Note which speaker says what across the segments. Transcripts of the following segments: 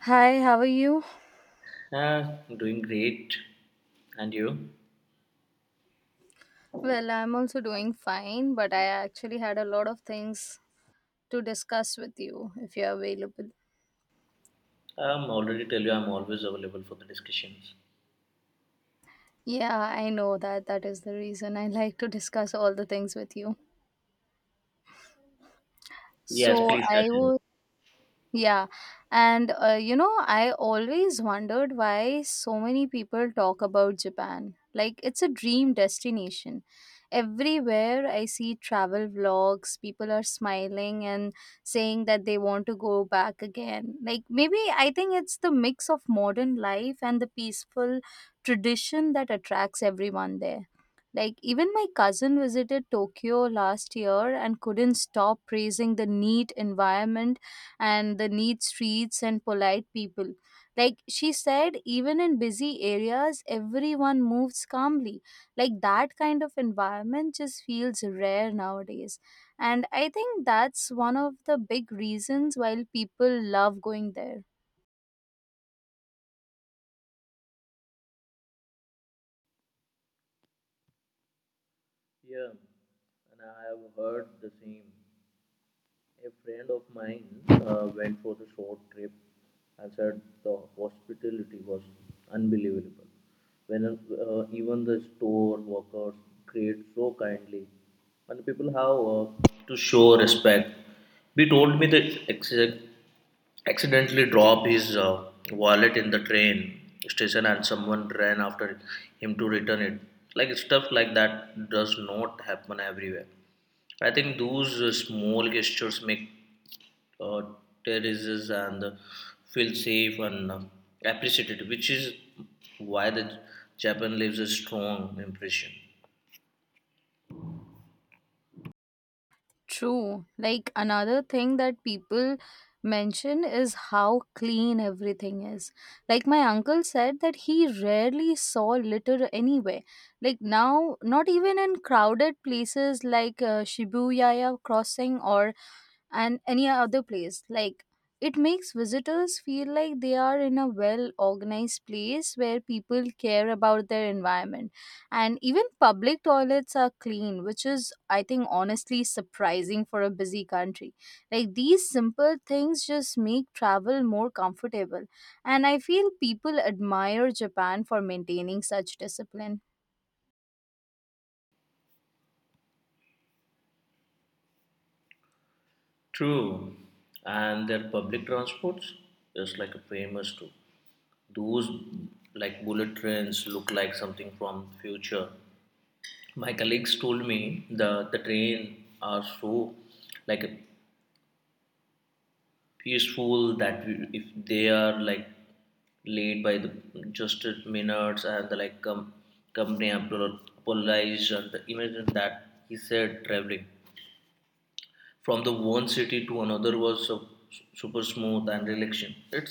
Speaker 1: Hi, how are you?
Speaker 2: Doing great. And you?
Speaker 1: Well, I'm also doing fine, but I actually had a lot of things to discuss with you if you're available.
Speaker 2: Already tell you I'm always available for the discussions.
Speaker 1: Yeah, I know that that is the reason I like to discuss all the things with you.
Speaker 2: Yes,
Speaker 1: So,
Speaker 2: please
Speaker 1: I
Speaker 2: continue.
Speaker 1: was. Yeah, and I always wondered why so many people talk about Japan. Like, it's a dream destination. Everywhere I see travel vlogs, people are smiling and saying that they want to go back again. Like, maybe I think it's the mix of modern life and the peaceful tradition that attracts everyone there. Like, even my cousin visited Tokyo last year and couldn't stop praising the neat environment and the neat streets and polite people. Like she said, even in busy areas, everyone moves calmly. Like that kind of environment just feels rare nowadays. And I think that's one of the big reasons why people love going there.
Speaker 2: Yeah, and I have heard the same. A friend of mine went for the short trip and said the hospitality was unbelievable. When even the store workers greet so kindly, and people have to show respect. He told me that accidentally dropped his wallet in the train station and someone ran after him to return it. Like stuff like that does not happen everywhere. I think those small gestures make uh, terraces and feel safe and appreciated, which is why the Japan leaves a strong impression.
Speaker 1: True. Like another thing that people mention is how clean everything is. Like my uncle said that he rarely saw litter anywhere. Like now, not even in crowded places like Shibuya crossing or and any other place. Like it makes visitors feel like they are in a well organized place where people care about their environment. And even public toilets are clean, which is, I think, honestly surprising for a busy country. Like these simple things just make travel more comfortable. And I feel people admire Japan for maintaining such discipline.
Speaker 2: True, and their public transports is like a famous too. Those like bullet trains look like something from future. My colleagues told me the train are so like peaceful that we, if they are like late by the just minutes and the like company apologized and the imagine that he said traveling from the one city to another was so, super smooth and relaxing it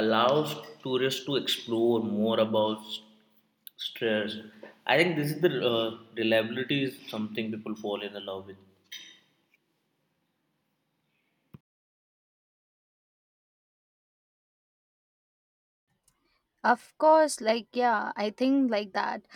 Speaker 2: allows tourists to explore more about stress. I think this is the reliability is something people fall in love with.
Speaker 1: Of course, like yeah, I think like that.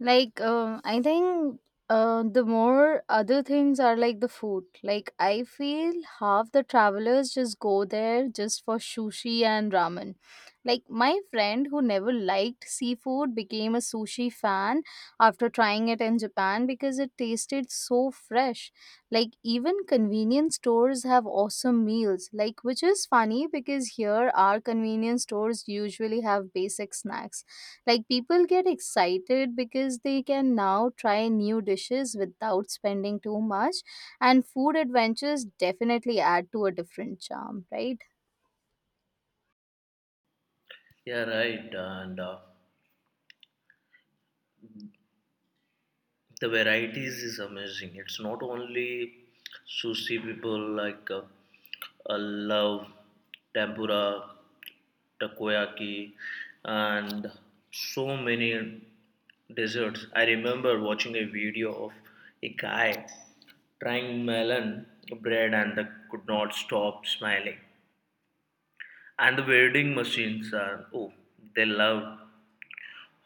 Speaker 1: Like I think the more other things are like the food. Like I feel half the travelers just go there just for sushi and ramen. Like my friend who never liked seafood became a sushi fan after trying it in Japan because it tasted so fresh. Like even convenience stores have awesome meals, like which is funny because here our convenience stores usually have basic snacks. Like people get excited because they can now try new dishes without spending too much and food adventures definitely add to a different charm, right?
Speaker 2: Yeah, right. And the varieties is amazing. It's not only sushi people like uh, love tempura, takoyaki, and so many desserts. I remember watching a video of a guy trying melon bread and they could not stop smiling. And the vending machines are, oh, they love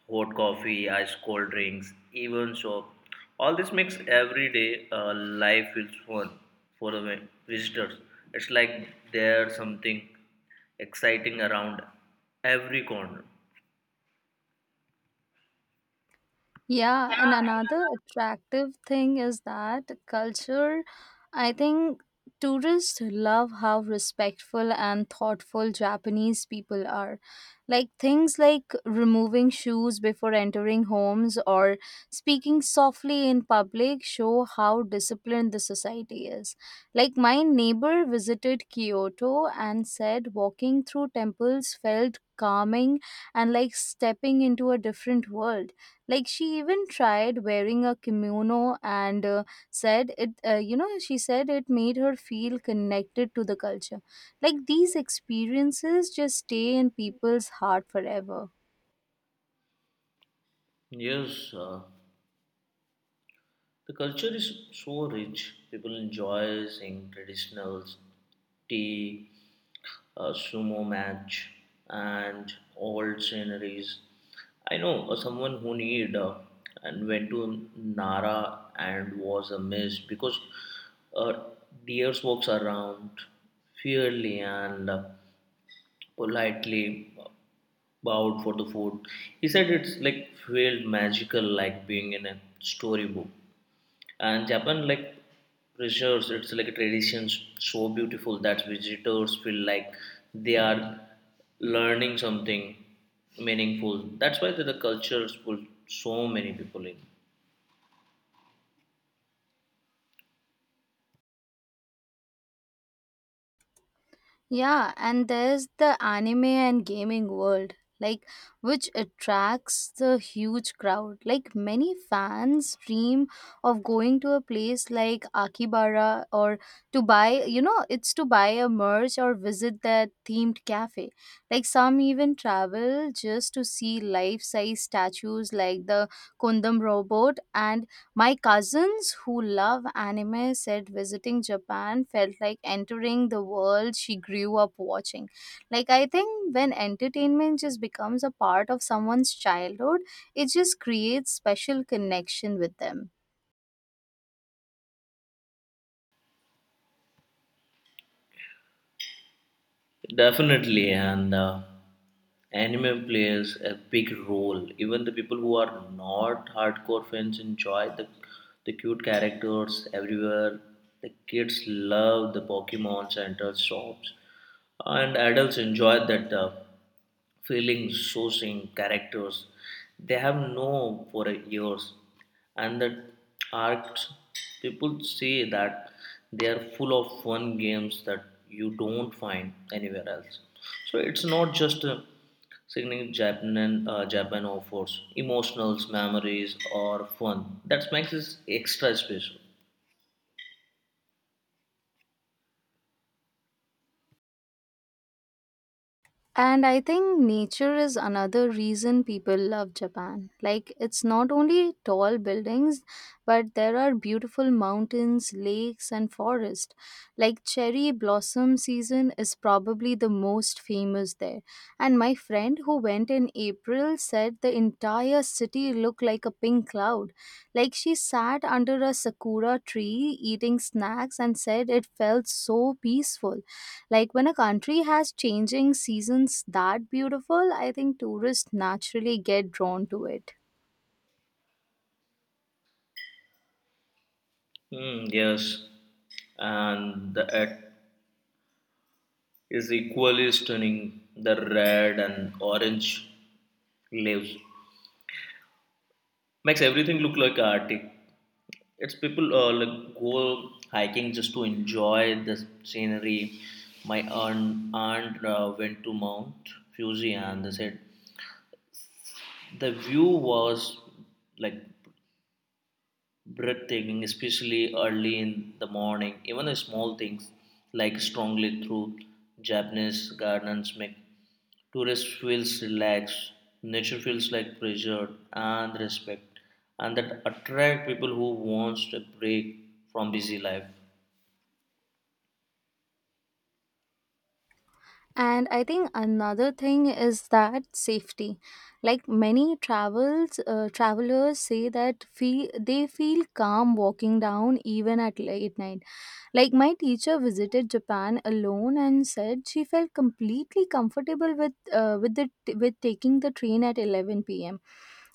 Speaker 2: hot coffee, ice cold drinks, even so. All this makes everyday life feels fun for the visitors. It's like there's something exciting around every corner.
Speaker 1: Yeah, and another attractive thing is that culture, I think tourists love how respectful and thoughtful Japanese people are. Like things like removing shoes before entering homes or speaking softly in public show how disciplined the society is. Like my neighbor visited Kyoto and said walking through temples felt calming and like stepping into a different world, like she even tried wearing a kimono and said she said it made her feel connected to the culture. Like these experiences just stay in people's heart forever.
Speaker 2: Yes, the culture is so rich. People enjoy seeing traditionals, tea, a sumo match, and old sceneries. I know someone who need and went to Nara and was amazed because uh, deers walks around fairly and politely bowed for the food. He said it's like felt magical, like being in a storybook. And Japan like preserves it's like a tradition so beautiful that visitors feel like they are learning something meaningful. That's why the cultures pull so many people in.
Speaker 1: Yeah, and there's the anime and gaming world, like which attracts the huge crowd. Like many fans dream of going to a place like Akibara or to buy, you know, it's to buy a merch or visit that themed cafe. Like some even travel just to see life-size statues like the Kundam robot, and my cousins who love anime said visiting Japan felt like entering the world she grew up watching. Like, I think when entertainment just becomes a part of someone's childhood, it just creates special connection with them.
Speaker 2: Definitely, and anime plays a big role. Even the people who are not hardcore fans enjoy the cute characters everywhere. The kids love the Pokemon Center shops, and adults enjoy that. Feelings, sourcing, characters. They have known for years, and the arcs people say that they are full of fun games that you don't find anywhere else. So it's not just a signaling Japan, Japan offers emotionals, memories, or fun. That makes it extra special.
Speaker 1: And I think nature is another reason people love Japan. Like, it's not only tall buildings, but there are beautiful mountains, lakes, and forest. Like, cherry blossom season is probably the most famous there. And my friend who went in April said the entire city looked like a pink cloud. Like, she sat under a sakura tree eating snacks and said it felt so peaceful, like when a country has changing seasons that beautiful, I think tourists naturally get drawn to it.
Speaker 2: Yes, and the, at is equally stunning. The red and orange leaves makes everything look like Arctic. It's people like go hiking just to enjoy the scenery. My aunt, went to Mount Fuji and they said the view was like breathtaking, especially early in the morning. Even the small things like strongly through Japanese gardens make tourist feels relaxed, nature feels like pressure and respect, and that attract people who wants a break from busy life.
Speaker 1: And I think another thing is that safety. Like many travels travelers say that they feel calm walking down even at late night. Like my teacher visited Japan alone and said she felt completely comfortable with the with taking the train at 11 p.m.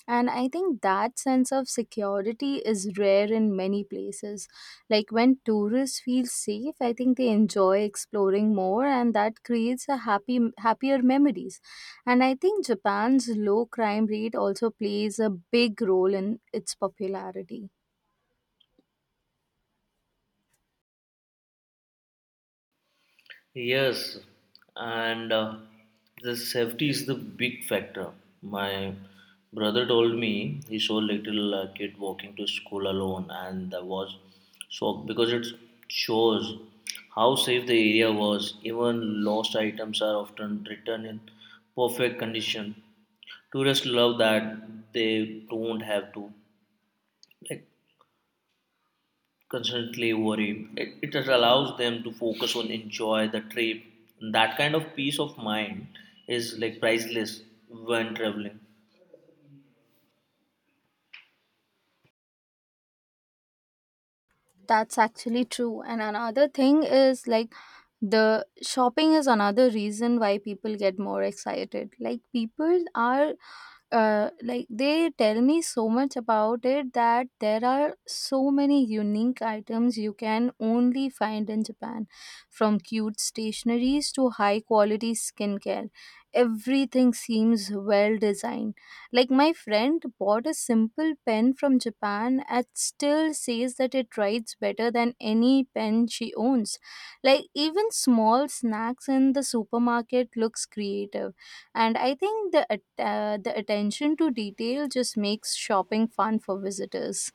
Speaker 1: And I think that sense of security is rare in many places, like when tourists feel safe, I think they enjoy exploring more and that creates a happy happier memories. And I think Japan's low crime rate also plays a big role in its popularity.
Speaker 2: Yes, and the safety is the big factor. My brother told me he saw little kid walking to school alone, and I was shocked because it shows how safe the area was. Even lost items are often returned in perfect condition. Tourists love that they don't have to like constantly worry. It just allows them to focus on enjoy the trip. That kind of peace of mind is like priceless when traveling.
Speaker 1: That's actually true. And another thing is like the shopping is another reason why people get more excited. Like people are like they tell me so much about it that there are so many unique items you can only find in Japan, from cute stationaries to high quality skincare, everything seems well designed. Like my friend bought a simple pen from Japan and still says that it writes better than any pen she owns. Like even small snacks in the supermarket looks creative. And I think the attention to detail just makes shopping fun for visitors.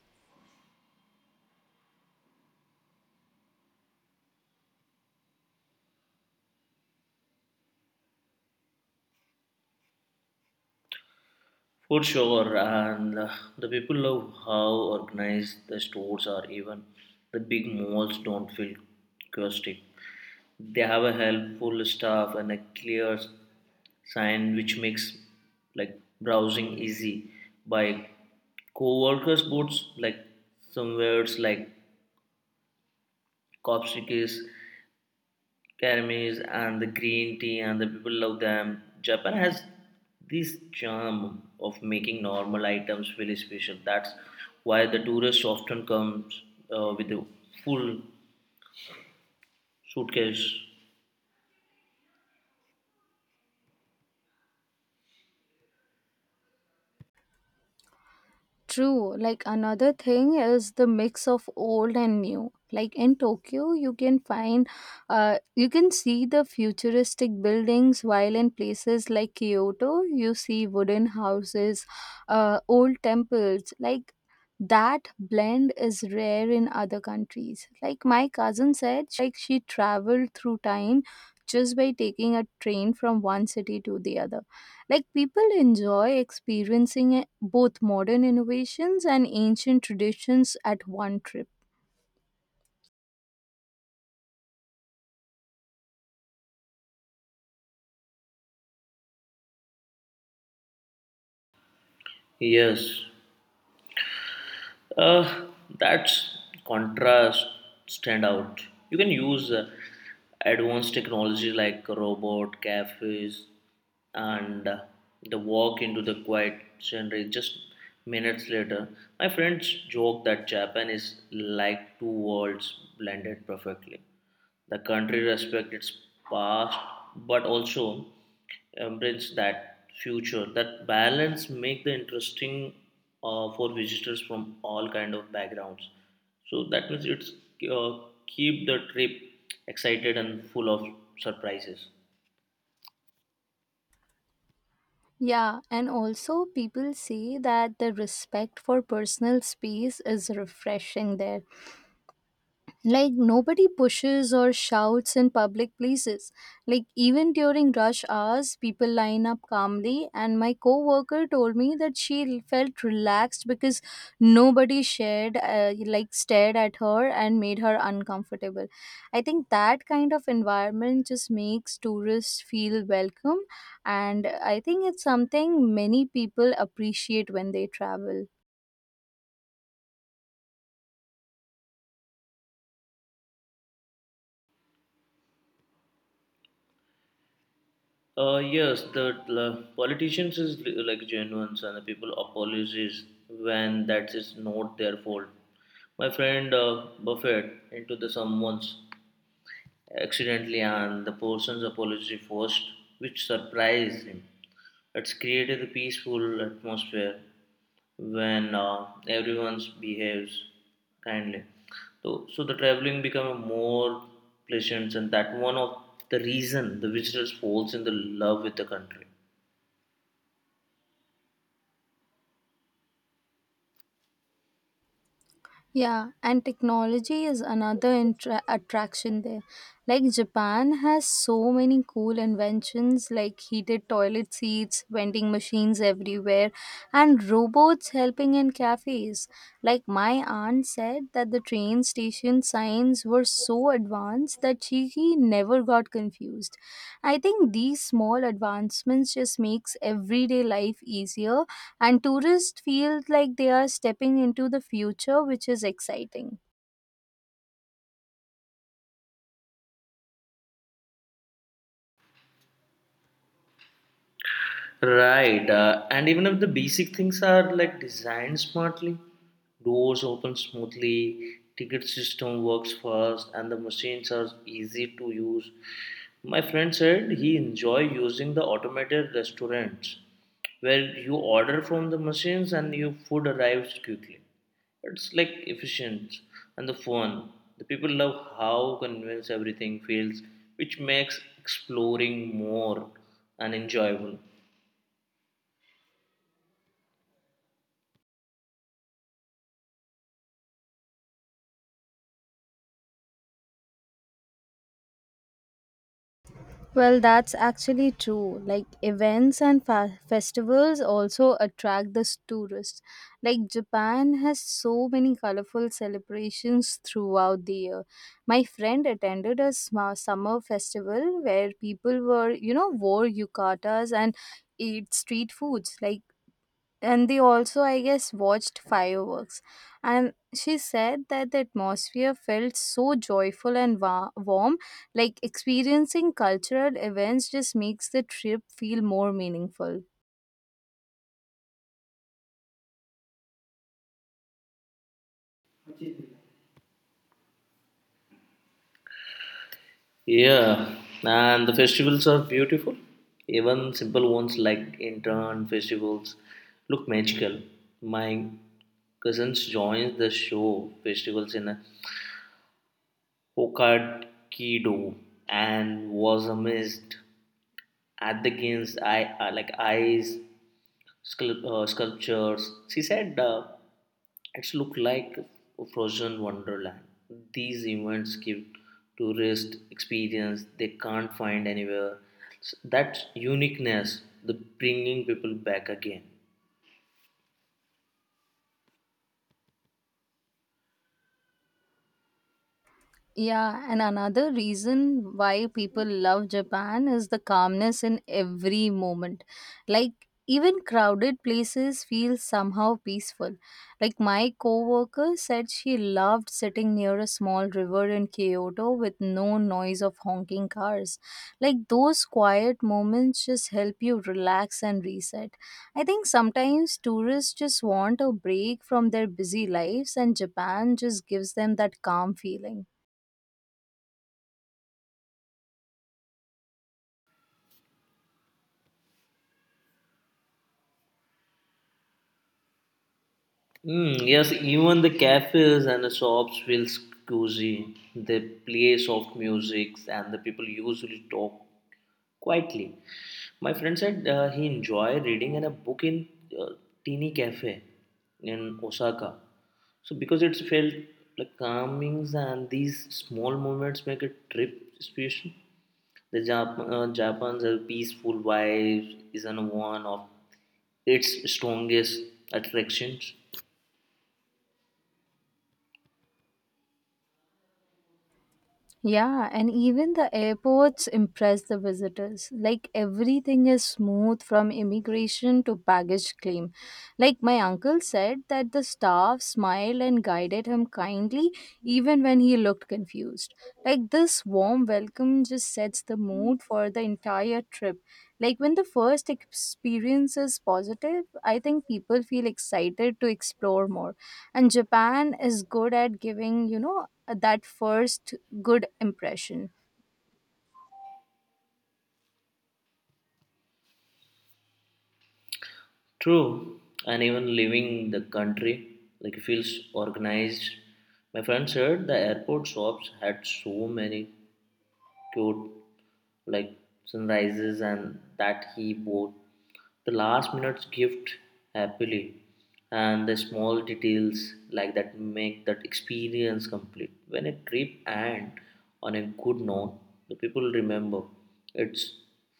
Speaker 2: For sure, and the people love how organized the stores are. Even the big malls don't feel chaotic. They have a helpful staff and a clear sign which makes like browsing easy by co-workers boots like some words like copstickies, karamis and the green tea and the people love them. Japan has this charm of making normal items feel special. That's why the tourist often comes with a full suitcase.
Speaker 1: True. Like another thing is the mix of old and new. Like in Tokyo, you can find, you can see the futuristic buildings, while in places like Kyoto, you see wooden houses, old temples. Like that blend is rare in other countries. Like my cousin said, like she traveled through time just by taking a train from one city to the other. Like people enjoy experiencing both modern innovations and ancient traditions at one trip.
Speaker 2: Yes. Uh, that's contrast stand out. You can use advanced technology like robot cafes and the walk into the quiet scenery just minutes later. My friends joke that Japan is like two worlds blended perfectly. The country respects its past but also embrace that future. That balance make the interesting for visitors from all kind of backgrounds. So that means it's uh, keep the trip excited and full of surprises.
Speaker 1: Yeah, and also people say that the respect for personal space is refreshing there. Like nobody pushes or shouts in public places. Like even during rush hours, people line up calmly, and my coworker told me that she felt relaxed because nobody shared like stared at her and made her uncomfortable. I think that kind of environment just makes tourists feel welcome, and I think it's something many people appreciate when they travel.
Speaker 2: Yes, the politicians is like genuine and the people apologise when that is not their fault. My friend Buffett into the someone's accidentally and the person's apology first, which surprised him. It's created a peaceful atmosphere when everyone behaves kindly. So the traveling become more pleasant, and that one of the reason the visitors falls in the love with the country.
Speaker 1: Yeah, and technology is another attraction there. Like Japan has so many cool inventions like heated toilet seats, vending machines everywhere, and robots helping in cafes. Like my aunt said that the train station signs were so advanced that she never got confused. I think these small advancements just makes everyday life easier and tourists feel like they are stepping into the future, which is exciting.
Speaker 2: Right, and even if the basic things are like designed smartly, doors open smoothly, ticket system works fast, and the machines are easy to use. My friend said he enjoy using the automated restaurants where you order from the machines and your food arrives quickly. It's like efficient and the fun. The people love how convinced everything feels, which makes exploring more and enjoyable.
Speaker 1: Well, that's actually true. Like events and festivals also attract the tourists. Like Japan has so many colorful celebrations throughout the year. My friend attended a summer festival where people were, you know, wore yukatas and ate street foods. Like and they also I guess watched fireworks, and she said that the atmosphere felt so joyful and warm, like experiencing cultural events just makes the trip feel more meaningful.
Speaker 2: Yeah, and the festivals are beautiful. Even simple ones like intern festivals look magical. My cousins joined the show festivals in Hokkaido and was amazed at the games I like eyes sculptures. She said. It's look like a frozen wonderland. These events give tourists experience they can't find anywhere. That uniqueness, the bringing people back again.
Speaker 1: Yeah, and another reason why people love Japan is the calmness in every moment. Like, even crowded places feel somehow peaceful. Like, my coworker said she loved sitting near a small river in Kyoto with no noise of honking cars. Like, those quiet moments just help you relax and reset. I think sometimes tourists just want a break from their busy lives, and Japan just gives them that calm feeling.
Speaker 2: Mm, yes, even the cafes and the shops feel cozy. They play soft music, and the people usually talk quietly. My friend said he enjoyed reading in a book in uh, teeny cafe in Osaka. So because it felt like calmings and these small moments make a trip special. Japan's peaceful vibe is an one of its strongest attractions.
Speaker 1: Yeah, and even the airports impress the visitors. Like everything is smooth from immigration to baggage claim. Like my uncle said that the staff smiled and guided him kindly even when he looked confused. Like this warm welcome just sets the mood for the entire trip. Like when the first experience is positive, I think people feel excited to explore more. And Japan is good at giving, you know, that first good impression.
Speaker 2: True, and even leaving the country like feels organized. My friend said the airport shops had so many cute like sunrises and that he bought the last minute's gift happily. And the small details like that make that experience complete. When a trip ends on a good note the people remember it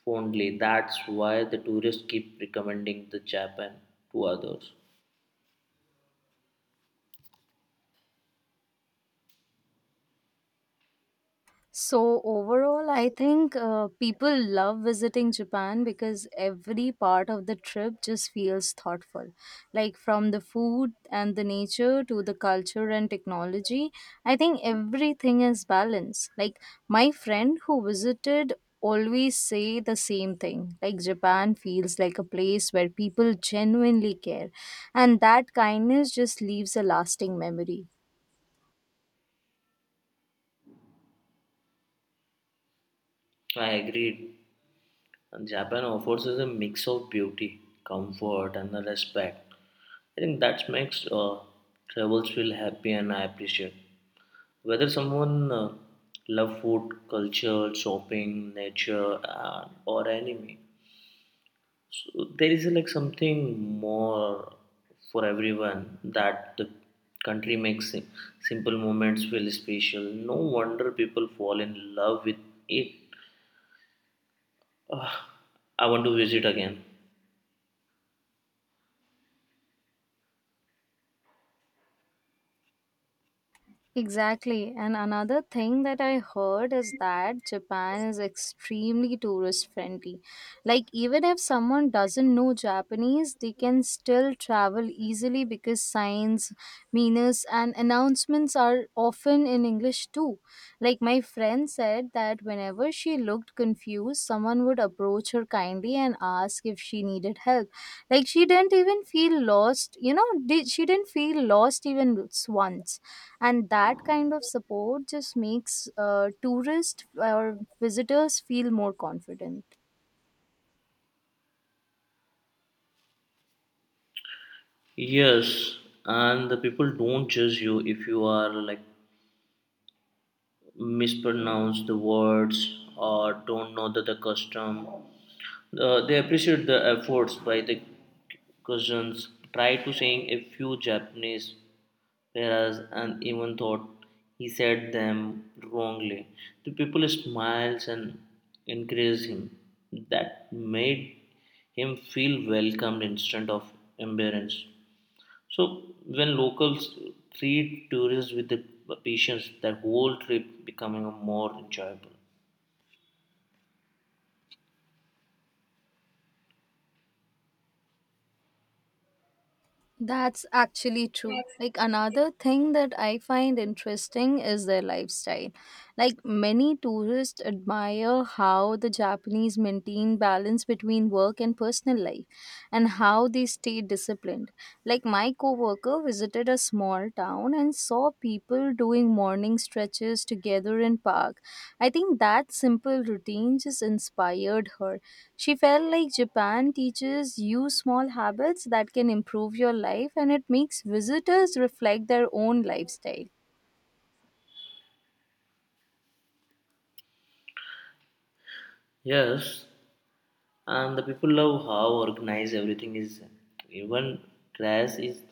Speaker 2: fondly. That's why the tourists keep recommending the Japan to others.
Speaker 1: So, overall, I think people love visiting Japan because every part of the trip just feels thoughtful. Like from the food and the nature to the culture and technology, I think everything is balanced. Like my friend who visited always say the same thing, like Japan feels like a place where people genuinely care, and that kindness just leaves a lasting memory.
Speaker 2: I agreed. And Japan offers us a mix of beauty, comfort, and the respect. I think that makes travels feel happy and I appreciate. Whether someone love food, culture, shopping, nature, or anime, so there is like something more for everyone that the country makes simple moments feel special. No wonder people fall in love with it. Ah, I want to visit again.
Speaker 1: Exactly. And another thing that I heard is that Japan is extremely tourist friendly. Like, even if someone doesn't know Japanese, they can still travel easily because signs, menus, and announcements are often in English too. Like, my friend said that whenever she looked confused, someone would approach her kindly and ask if she needed help. Like, she didn't even feel lost, she didn't feel lost even once, and that kind of support just makes tourists or visitors feel more confident.
Speaker 2: Yes, and the people don't judge you if you are like mispronounce the words or don't know the custom. They appreciate the efforts by the cousins. Try to saying a few Japanese whereas and even thought he said them wrongly. The people smiles and encouraged him. That made him feel welcomed instead of embarrassed. So when locals treat tourists with the patience, that whole trip becoming more enjoyable.
Speaker 1: That's actually true, like another thing that I find interesting is their lifestyle. Like many tourists admire how the Japanese maintain balance between work and personal life and how they stay disciplined. Like my coworker visited a small town and saw people doing morning stretches together in park. I think that simple routine just inspired her. She felt like Japan teaches you small habits that can improve your life and it makes visitors reflect their own lifestyle.
Speaker 2: Yes, and the people love how organized everything is. Even grass is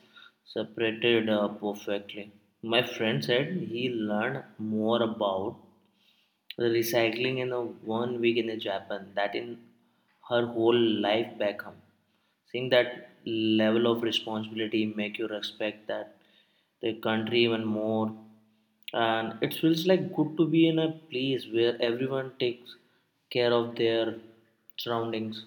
Speaker 2: separated perfectly. My friend said he learned more about the recycling in a 1 week in a Japan that in her whole life back home. Seeing that level of responsibility make you respect that the country even more and it feels like good to be in a place where everyone takes care of their surroundings.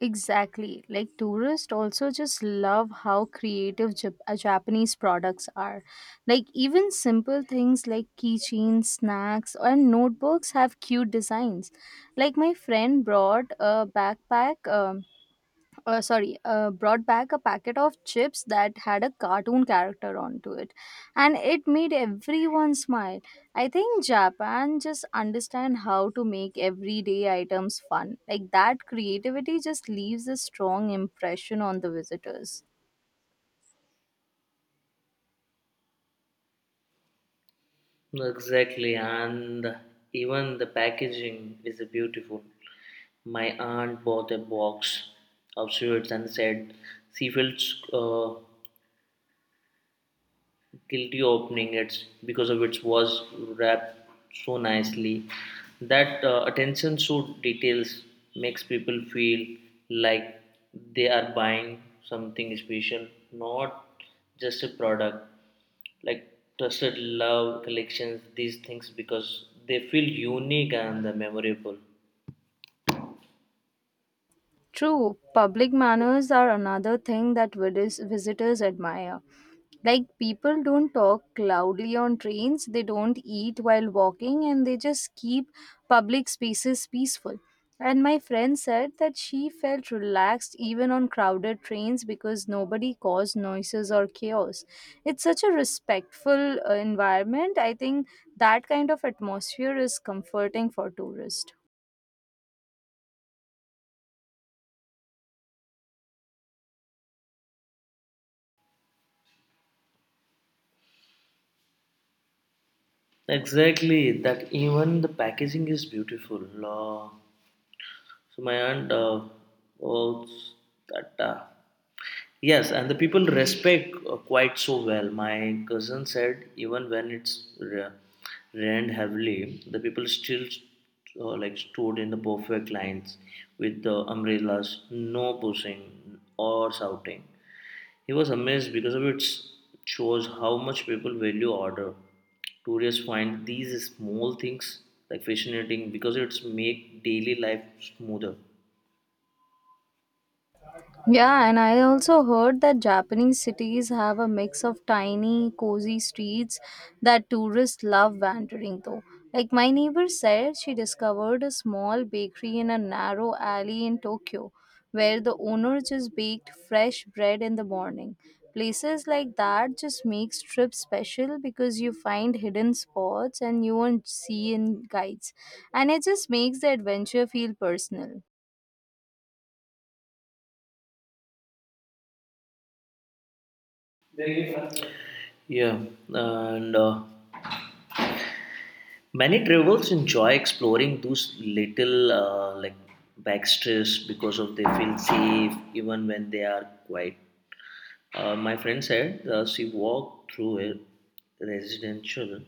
Speaker 1: Exactly. Like tourists also just love how creative Japanese products are. Like even simple things like keychains, snacks, or notebooks have cute designs. Like my friend brought a backpack. Sorry, Brought back a packet of chips that had a cartoon character onto it, and it made everyone smile. I think Japan just understand how to make everyday items fun. Like that creativity just leaves a strong impression on the visitors.
Speaker 2: Exactly, and even the packaging is beautiful. My aunt bought a box of sweets and said she feels guilty opening it's because of it was wrapped so nicely. That attention to details makes people feel like they are buying something special, not just a product, like trusted love collections these things because they feel unique and they memorable.
Speaker 1: True, public manners are another thing that visitors admire. Like people don't talk loudly on trains, they don't eat while walking, and they just keep public spaces peaceful. And my friend said that she felt relaxed even on crowded trains because nobody caused noises or chaos. It's such a respectful environment. I think that kind of atmosphere is comforting for tourists.
Speaker 2: Exactly, that even the packaging is beautiful. Law. So my aunt owns that. Yes, and the people respect quite so well. My cousin said even when it's rained heavily, the people still like stood in the perfect lines with the umbrellas, no pushing or shouting. He was amazed because of it shows how much people value order. Tourists find these small things like fascinating because it's make daily life smoother.
Speaker 1: Yeah, and I also heard that Japanese cities have a mix of tiny, cozy streets that tourists love wandering though. Like my neighbor said, she discovered a small bakery in a narrow alley in Tokyo where the owner just baked fresh bread in the morning. Places like that just makes trips special because you find hidden spots and you won't see in guides. And it just makes the adventure feel personal.
Speaker 2: Yeah, and many travelers enjoy exploring those little like backstreets because of they feel safe even when they are quiet. My friend said she walked through a residential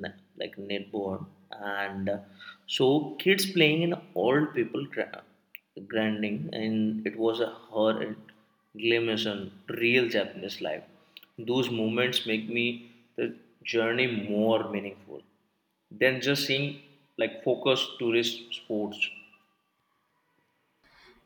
Speaker 2: like neighborhood and so kids playing in old people grinding and it was a horrid glimpse on real Japanese life. Those moments make me the journey more meaningful than just seeing like focused tourist sports.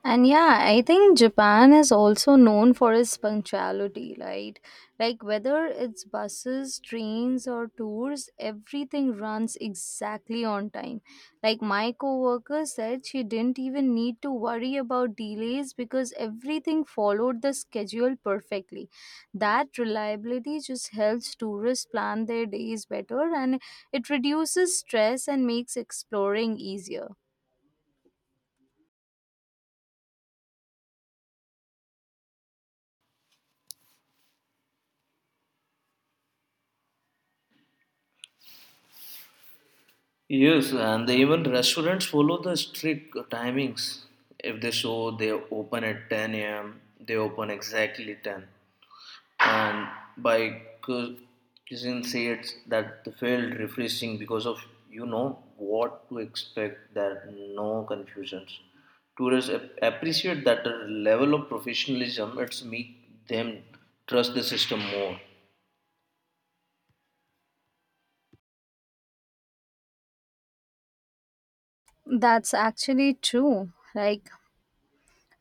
Speaker 1: And yeah, I think Japan is also known for its punctuality, right? Like whether it's buses, trains, or tours, everything runs exactly on time. Like my coworker said, she didn't even need to worry about delays because everything followed the schedule perfectly. That reliability just helps tourists plan their days better and it reduces stress and makes exploring easier.
Speaker 2: Yes, and they even restaurants follow the strict timings. If they show they open at 10 a.m., they open exactly 10. And by cuisine says that they felt refreshing because of you know what to expect. There are no confusions. Tourists appreciate that the level of professionalism. It's make them trust the system more.
Speaker 1: That's actually true. Like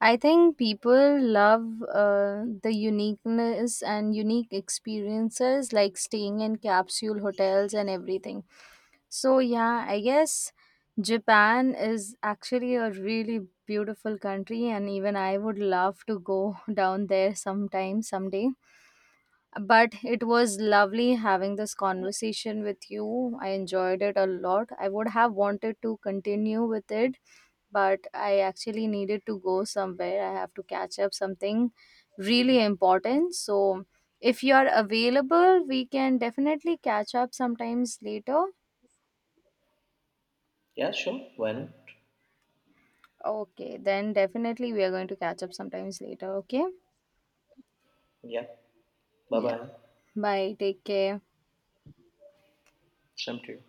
Speaker 1: I think people love the uniqueness and unique experiences like staying in capsule hotels and everything. So, yeah, I guess Japan is actually a really beautiful country, and even I would love to go down there sometime, someday. But it was lovely having this conversation with you. I enjoyed it a lot. I would have wanted to continue with it but I actually needed to go somewhere. I have to catch up something really important. So if you are available, we can definitely catch up sometimes later.
Speaker 2: Yeah, sure. Why not?
Speaker 1: Okay, then definitely we are going to catch up sometimes later. Okay.
Speaker 2: Yeah. Bye
Speaker 1: Yeah.
Speaker 2: bye.
Speaker 1: Bye. Take care.
Speaker 2: Same to you.